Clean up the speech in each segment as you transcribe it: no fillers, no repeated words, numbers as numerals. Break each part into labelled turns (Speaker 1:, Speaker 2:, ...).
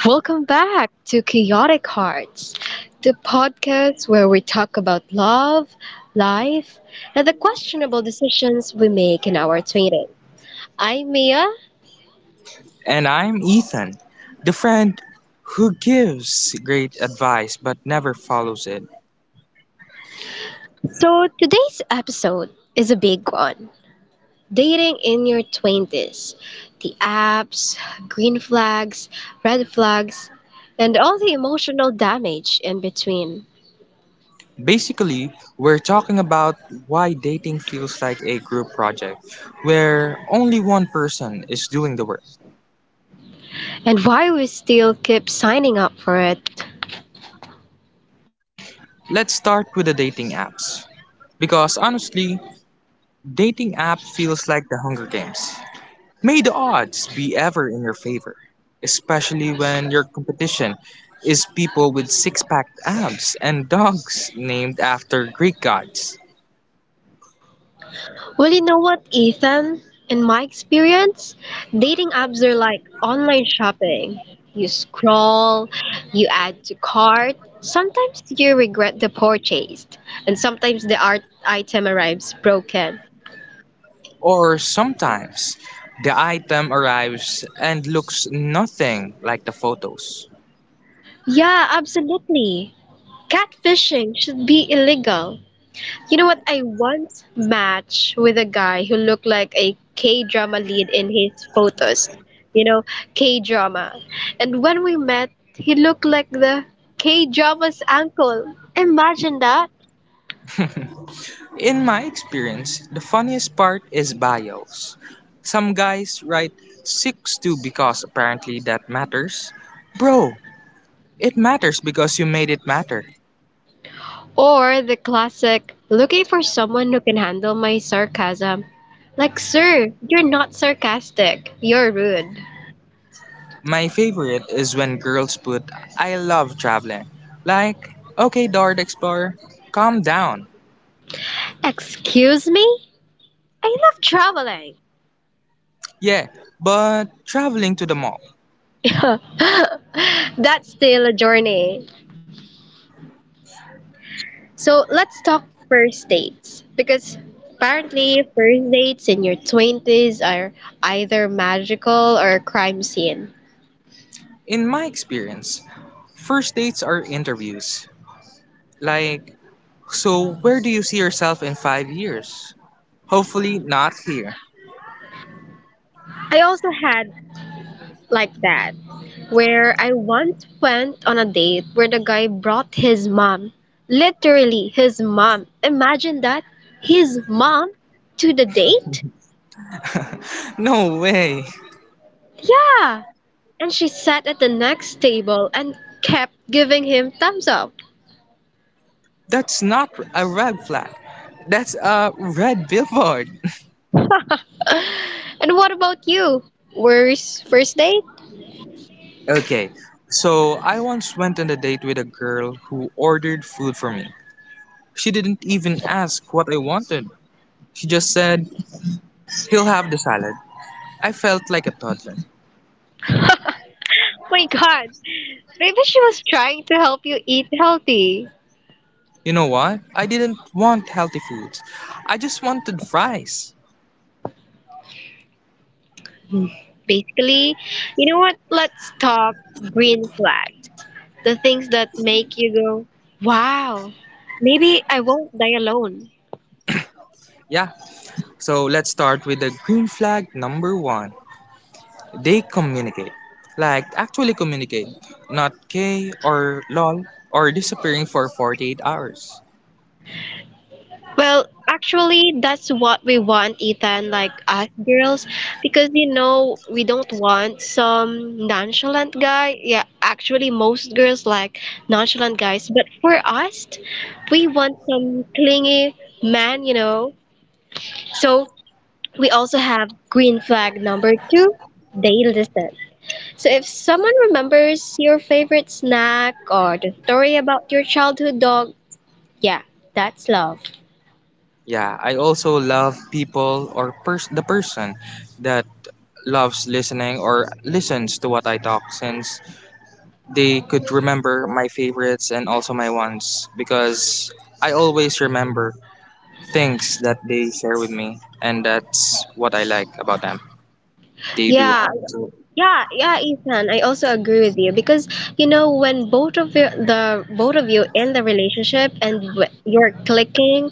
Speaker 1: Welcome back to Chaotic Hearts, the podcast where we talk about love, life, and the questionable decisions we make in our 20s. I'm Mia.
Speaker 2: The friend who
Speaker 1: So today's episode is a big one. Dating in your 20s. The apps, green flags, red flags, and all the emotional damage in between.
Speaker 2: Basically, we're talking about why dating feels like a group project where only one person is doing the work.
Speaker 1: And why we still keep signing up for it.
Speaker 2: Let's start with the dating apps, because honestly, dating app feels like the Hunger Games. May the odds be ever in your favor, especially when your competition is people with six-pack abs and dogs named after Greek gods.
Speaker 1: Well, you know what, Ethan? In my experience, dating apps are like online shopping. You scroll, you add to cart. Sometimes you regret the purchase, and sometimes the art item arrives broken.
Speaker 2: Or sometimes the item arrives and looks nothing like the photos.
Speaker 1: Yeah, absolutely. Catfishing should be illegal. You know what? I once matched with a guy who looked like a K drama lead in his photos. You know, K drama. And when we met, he looked like the K drama's uncle. Imagine that.
Speaker 2: In my experience, the funniest part is bios. Some guys write 6'2" because apparently that matters. Bro, it matters because you made it matter.
Speaker 1: Or the classic looking for someone who can handle my sarcasm. Like, sir, you're not sarcastic. You're rude.
Speaker 2: My favorite is when girls put I love traveling. Like, okay, Dart Explorer, calm down.
Speaker 1: Excuse me? I love traveling.
Speaker 2: Yeah, but traveling to the mall.
Speaker 1: That's still a journey. So let's talk first dates, because apparently first dates in your 20s are either magical or crime scene.
Speaker 2: In my experience, first dates are interviews. Like, so where do you see yourself in 5 years? Hopefully, not here.
Speaker 1: I also had like that, where I once went on a date where the guy brought his mom, literally his mom. Imagine that, his mom, to the date?
Speaker 2: No way.
Speaker 1: Yeah. And she sat at the next table and kept giving him thumbs up.
Speaker 2: That's not a red flag. That's a red billboard.
Speaker 1: And what about you? Worst first date?
Speaker 2: Okay, so I once went on a date with a girl who ordered food for me. She didn't even ask what I wanted. She just said, He'll have the salad. I felt like a toddler.
Speaker 1: My god, maybe she was trying to help you eat healthy.
Speaker 2: You know what? I didn't want healthy foods. I just wanted fries.
Speaker 1: Hmm. Basically, you know what? Let's talk green flags. The things that make you go, wow, maybe I won't die alone.
Speaker 2: Yeah, so let's start with the green flag number one. They communicate. Like actually communicate. Not K or LOL or disappearing for 48 hours.
Speaker 1: Well, actually, that's what we want, Ethan, like us girls, because you know, we don't want some nonchalant guy. Yeah, actually, most girls like nonchalant guys, but for us, we want some clingy man, you know. So, we also have green flag number two, they listen. So, if someone remembers your favorite snack or the story about your childhood dog, yeah, that's love.
Speaker 2: Yeah, I also love people or the person that loves listening or listens to what I talk, since they could remember my favorites and also my ones, because I always remember things that they share with me, and that's what I like about them. They do.
Speaker 1: Yeah, yeah, Ethan. I also agree with you because you know when the both of you in the relationship and you're clicking,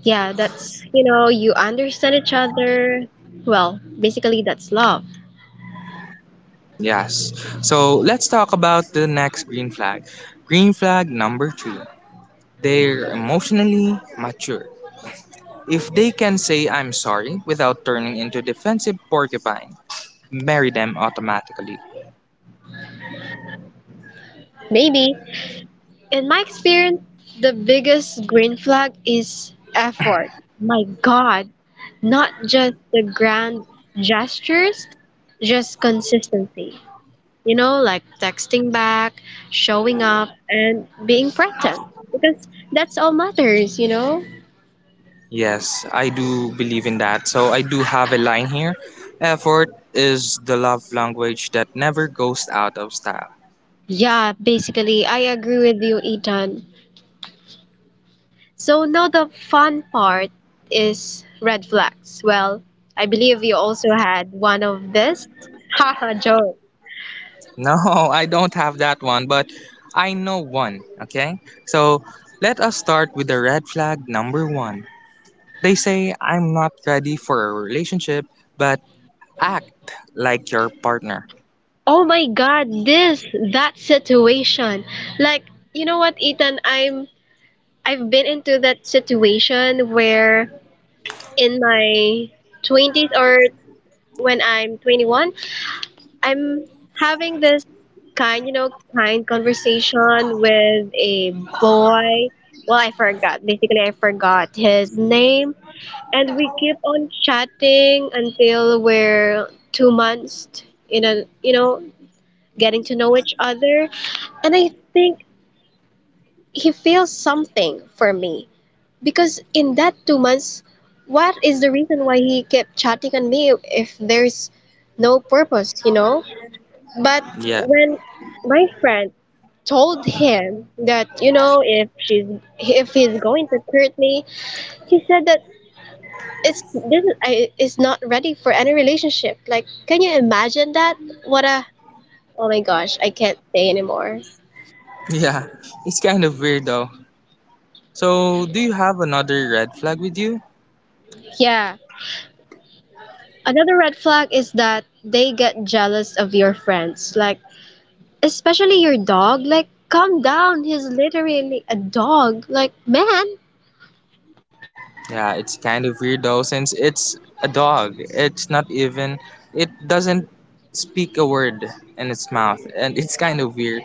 Speaker 1: yeah, that's, you know, you understand each other. Well, basically that's love.
Speaker 2: Yes. So let's talk about the next green flag. Green flag number three. They're emotionally mature. If they can say I'm sorry without turning into defensive porcupine, marry them automatically.
Speaker 1: Maybe in my experience, the biggest green flag is effort. My God, not just the grand gestures, just consistency. You know, like texting back, showing up, and being present. Because that's all matters, you know?
Speaker 2: Yes, I do believe in that. So I do have a line here. Effort is the love language that never goes out of style.
Speaker 1: Yeah, basically, I agree with you, Ethan. So now the fun part is red flags. Well, I believe you also had one of this. Haha, joke.
Speaker 2: No, I don't have that one, but I know one, okay? So let us start with the red flag number one. They say I'm not ready for a relationship, but act like your partner.
Speaker 1: Oh my god, this that situation. Like, you know what, Ethan, I've been into that situation where in my 20s, or when I'm 21, I'm having this kind conversation with a boy. Well, I forgot. Basically, I forgot his name. And we keep on chatting until we're 2 months in a, you know, getting to know each other. And I think he feels something for me. Because in that 2 months, what is the reason why he kept chatting on me if there's no purpose, you know? But
Speaker 2: Yeah.
Speaker 1: when my friend told him that, you know, if she's if he's going to hurt me, he said that it's this is, I, it's not ready for any relationship. Like, can you imagine that? What a, oh my gosh, I can't say anymore.
Speaker 2: Yeah. It's kind of weird though. So, do you have another red flag with you?
Speaker 1: Yeah. Another red flag is that they get jealous of your friends, like especially your dog. Like, calm down. He's literally a dog. Like, man.
Speaker 2: Yeah, it's kind of weird though, since it's a dog. It's not even, it doesn't speak a word in its mouth, and it's kind of weird.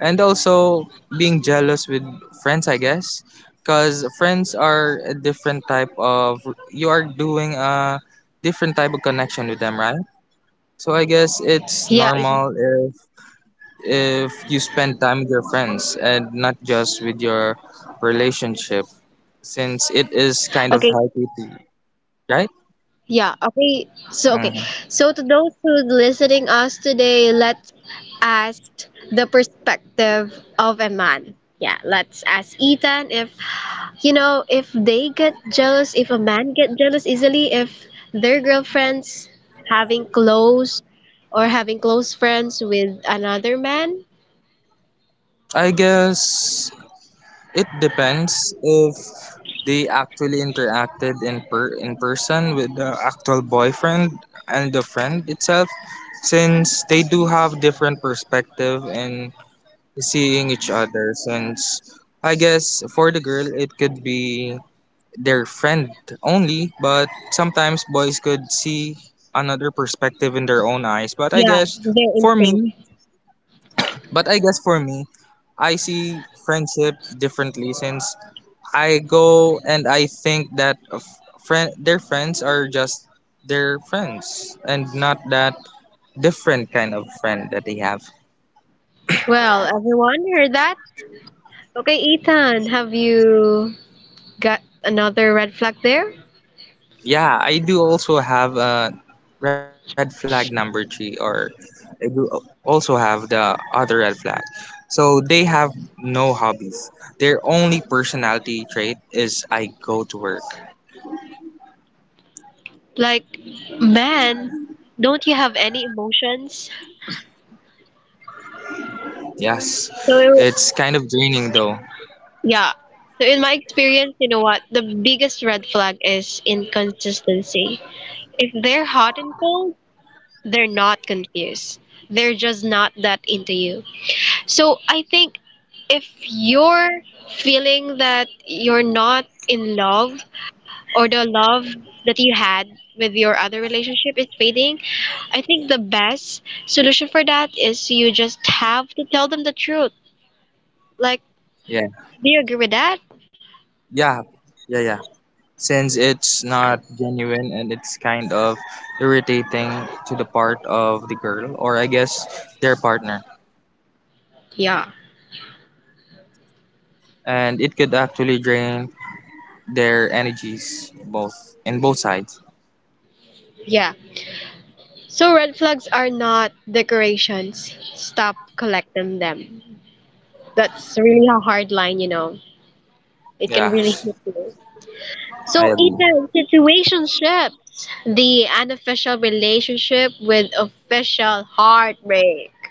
Speaker 2: And also, being jealous with friends, I guess, because friends are a different type of, you are doing a different type of connection with them, right? So I guess
Speaker 1: Yeah,
Speaker 2: it's normal if you spend time with your friends and not just with your relationship, since it is kind
Speaker 1: okay.
Speaker 2: of healthy. Right?
Speaker 1: Yeah, okay. So, okay.
Speaker 2: Mhm.
Speaker 1: So, to those who's listening us today, let's ask the perspective of a man. Yeah, let's ask Ethan if, you know, if they get jealous, if a man get jealous easily, if their girlfriends having close or having close friends with another man.
Speaker 2: I guess it depends if they actually interacted in person with the actual boyfriend and the friend itself, since they do have different perspective in seeing each other. Since I guess for the girl it could be their friend only, but sometimes boys could see another perspective in their own eyes. But I guess
Speaker 1: Yeah, they're
Speaker 2: for
Speaker 1: in
Speaker 2: me,
Speaker 1: sync.
Speaker 2: but I guess for me, I see friendship differently, since I go and I think that of friend their friends are just their friends and not that different kind of friend that they have.
Speaker 1: Well, everyone heard that? Okay, Ethan, have you got another red flag there?
Speaker 2: Yeah, I do also have a red flag number three, or I do also have the other red flag. So they have no hobbies. Their only personality trait is I go to work.
Speaker 1: Like, man, don't you have any emotions?
Speaker 2: Yes, it's
Speaker 1: So,
Speaker 2: kind of draining though.
Speaker 1: yeah. So, in my experience, you know what? The biggest red flag is inconsistency. If they're hot and cold, they're not confused. They're just not that into you. So, I think if you're feeling that you're not in love, or the love that you had with your other relationship is fading, I think the best solution for that is you just have to tell them the truth. Like,
Speaker 2: Yeah,
Speaker 1: do you agree with that?
Speaker 2: yeah, yeah, yeah. Since it's not genuine and it's kind of irritating to the part of the girl, or I guess their partner.
Speaker 1: Yeah.
Speaker 2: And it could actually drain their energies both in both sides.
Speaker 1: Yeah. So red flags are not decorations. Stop collecting them. That's really a hard line, you know. It can
Speaker 2: Yeah,
Speaker 1: really hit you.
Speaker 2: I
Speaker 1: So
Speaker 2: agree.
Speaker 1: Ethan, situationships. The unofficial relationship with official heartbreak.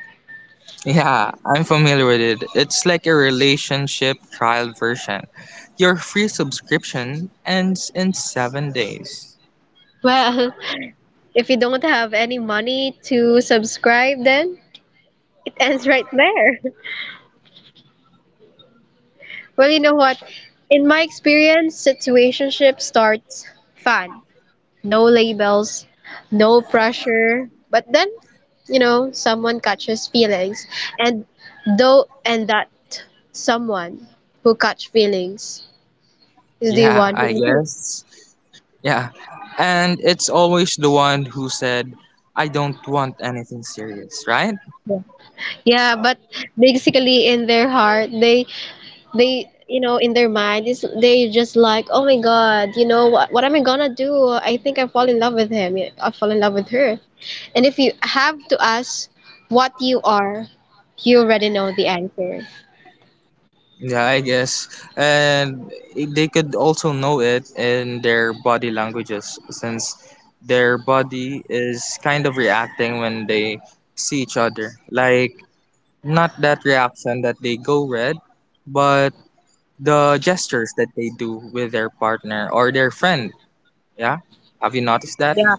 Speaker 2: Yeah, I'm familiar with it. It's like a relationship trial version. Your free subscription ends in 7 days.
Speaker 1: Well, if you don't have any money to subscribe, then it ends right there. Well, you know what? In my experience, situationship starts fun. No labels, no pressure. But then, you know, someone catches feelings. And and that someone who catch feelings is the
Speaker 2: Yeah,
Speaker 1: one
Speaker 2: I
Speaker 1: who
Speaker 2: guess. Yeah. And it's always the one who said, I don't want anything serious, right?
Speaker 1: yeah, but basically in their heart, they you know, in their mind is they just like, oh my god, you know what am I gonna do? I think I fall in love with him. Yeah, I fall in love with her. And if you have to ask what you are, you already know the answer.
Speaker 2: Yeah, I guess. And they could also know it in their body languages, since their body is kind of reacting when they see each other. Like, not that reaction that they go red, but the gestures that they do with their partner or their friend. Yeah. Have you noticed that?
Speaker 1: Yeah,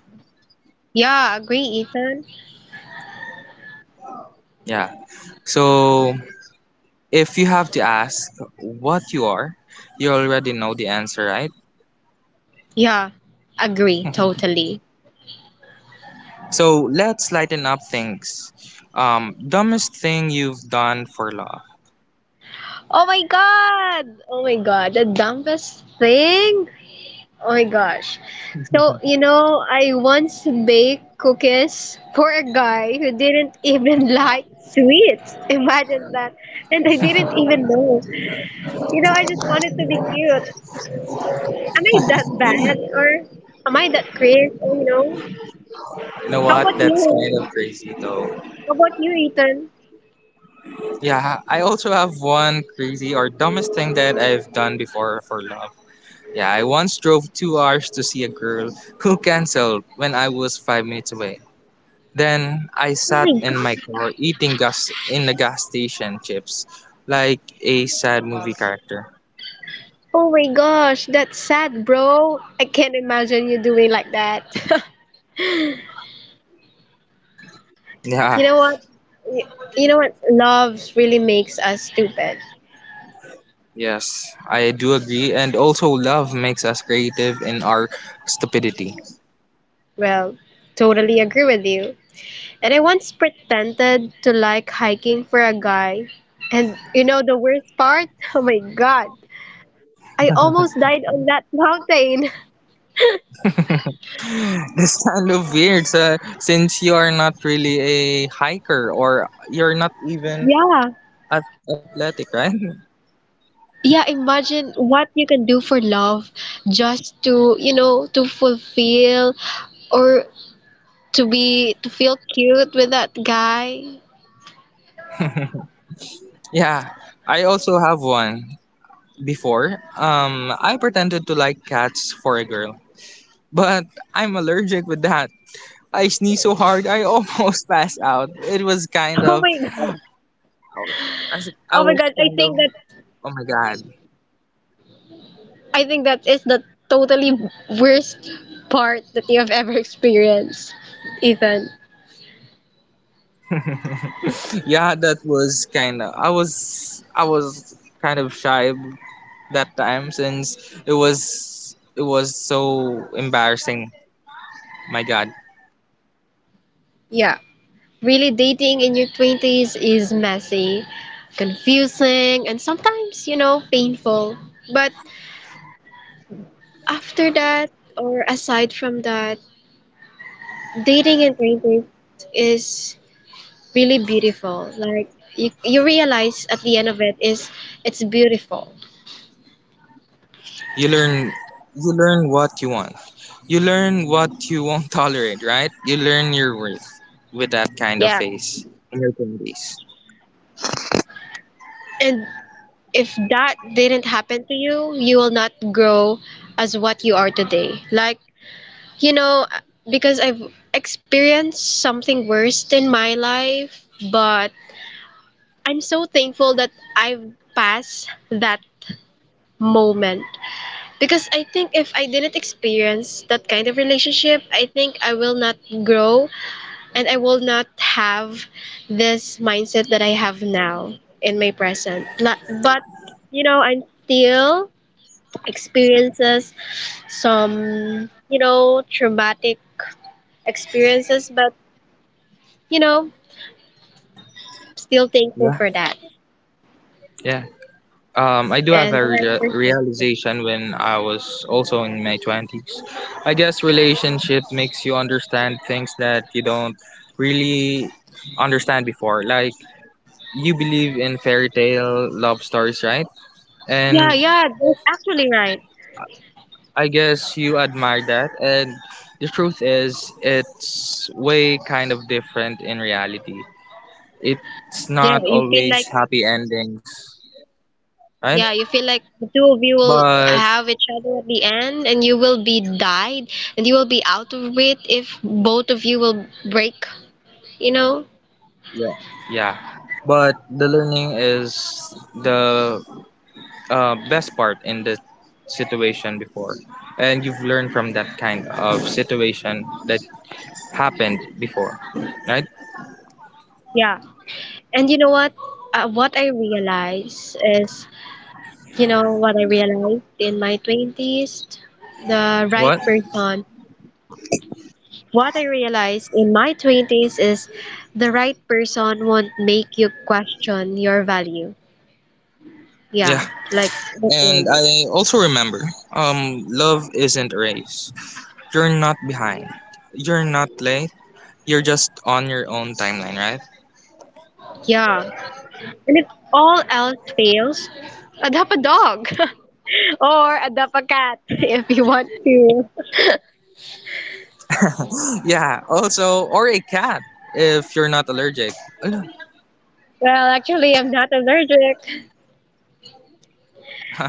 Speaker 1: yeah, agree, Ethan.
Speaker 2: Yeah. So, if you have to ask what you are, you already know the answer, right?
Speaker 1: Yeah, agree totally.
Speaker 2: So let's lighten up things. Dumbest thing you've done for love.
Speaker 1: Oh my god, the dumbest thing. Oh my gosh. So,
Speaker 2: You
Speaker 1: you know, I once baked cookies for a guy who didn't even like sweets. Imagine that. And I didn't even know. You know, I just wanted to be cute. Am I that bad, or am I that crazy? Oh, you know.
Speaker 2: know
Speaker 1: How
Speaker 2: what?
Speaker 1: about
Speaker 2: That's
Speaker 1: you?
Speaker 2: kind of crazy though.
Speaker 1: How about you, Ethan?
Speaker 2: Yeah, I also have one crazy or dumbest thing that I've done before for love. Yeah, I once drove 2 hours to see a girl who canceled when I was 5 minutes away. Then I
Speaker 1: Oh
Speaker 2: sat
Speaker 1: my
Speaker 2: in
Speaker 1: god.
Speaker 2: my car eating gas in the gas station chips like a sad movie character.
Speaker 1: Oh my gosh, that's sad, bro. I can't imagine you doing like that.
Speaker 2: Yeah,
Speaker 1: You know what? You you know what? Love really makes us stupid.
Speaker 2: yes, I do agree. And also, love makes us creative in our stupidity.
Speaker 1: Well, totally agree with you. And I once pretended to like hiking for a guy. And you know the worst part? Oh my god. I almost died on that mountain.
Speaker 2: That's kind of weird, so, since you are not really a hiker or you're not even
Speaker 1: Yeah.
Speaker 2: athletic, right?
Speaker 1: Yeah, imagine what you can do for love, just to, you know, to fulfill, or to be, to feel cute with that guy.
Speaker 2: Yeah, I also have one before. I pretended to like cats for a girl, but I'm allergic with that. I sneezed so hard I almost passed out. It was kind
Speaker 1: Oh
Speaker 2: of,
Speaker 1: my god.
Speaker 2: I was I
Speaker 1: Oh my
Speaker 2: was
Speaker 1: god, I
Speaker 2: kind of,
Speaker 1: think
Speaker 2: oh my god.
Speaker 1: that is the totally worst part that you have ever experienced, Ethan.
Speaker 2: Yeah, that was kind of, I was kind of shy that time, since it was so embarrassing. My god.
Speaker 1: Yeah. Really, dating in your 20s is messy, confusing, and sometimes, you know, painful. But after that, or aside from that, dating in 20s is really beautiful. Like, you realize at the end of it, is it's beautiful.
Speaker 2: You learn you learn what you want. You learn what you won't tolerate, right? You learn your worth with that kind of
Speaker 1: Yeah.
Speaker 2: face in your 20s.
Speaker 1: And if that didn't happen to you, you will not grow as what you are today. Like, you know, because I've experienced something worse in my life, but I'm so thankful that I've passed that moment. Because I think if I didn't experience that kind of relationship, I think I will not grow, and I will not have this mindset that I have now in my present. La- But, you know, I'm still experiences some, you know, traumatic experiences, but you know, still thankful
Speaker 2: Yeah.
Speaker 1: for that,
Speaker 2: Yeah. I do have
Speaker 1: and
Speaker 2: a
Speaker 1: the right
Speaker 2: real
Speaker 1: person, yes.
Speaker 2: realization when I was also in my 20s. I guess relationship makes you understand things that you don't really understand before. Like, you believe in fairy tale love stories, right?
Speaker 1: Yeah,
Speaker 2: And
Speaker 1: yeah, that's actually right.
Speaker 2: I guess you admire that, and the truth is it's way kind of different in reality. It's
Speaker 1: yeah
Speaker 2: not
Speaker 1: you feel
Speaker 2: always
Speaker 1: like
Speaker 2: happy endings, right?
Speaker 1: yeah you feel like the two of you will
Speaker 2: But
Speaker 1: have each other at the end, and you will be died, and you will be out of it if both of you will break, you know.
Speaker 2: yeah. Yeah, but the learning is the best part in the situation before, and you've learned from that kind of situation that happened before, right?
Speaker 1: Yeah. And you know what, what I realize is You know what I realized in my 20s? The right
Speaker 2: What?
Speaker 1: person. What I realized in my 20s is the right person won't make you question your value.
Speaker 2: Yeah,
Speaker 1: Yeah, like the
Speaker 2: and
Speaker 1: value.
Speaker 2: I also remember, love isn't a race. You're not behind, you're not late, you're just on your own timeline, right?
Speaker 1: Yeah. And if all else fails, adopt a dog or adopt a cat if you want to.
Speaker 2: Yeah, also, or a cat if you're not allergic.
Speaker 1: Well, actually, I'm not allergic.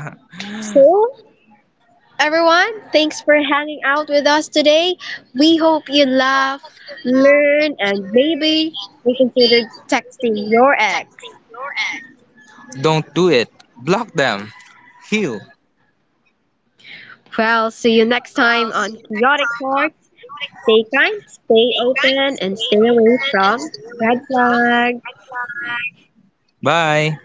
Speaker 2: Ala.
Speaker 1: So, everyone, thanks for hanging out with us today. We hope you laugh, learn, and maybe reconsider texting your ex.
Speaker 2: Don't do it. Block them. Heal.
Speaker 1: Well, see you next time on Chaotic Heart. Stay kind, stay open, and stay away from red flags.
Speaker 2: Bye.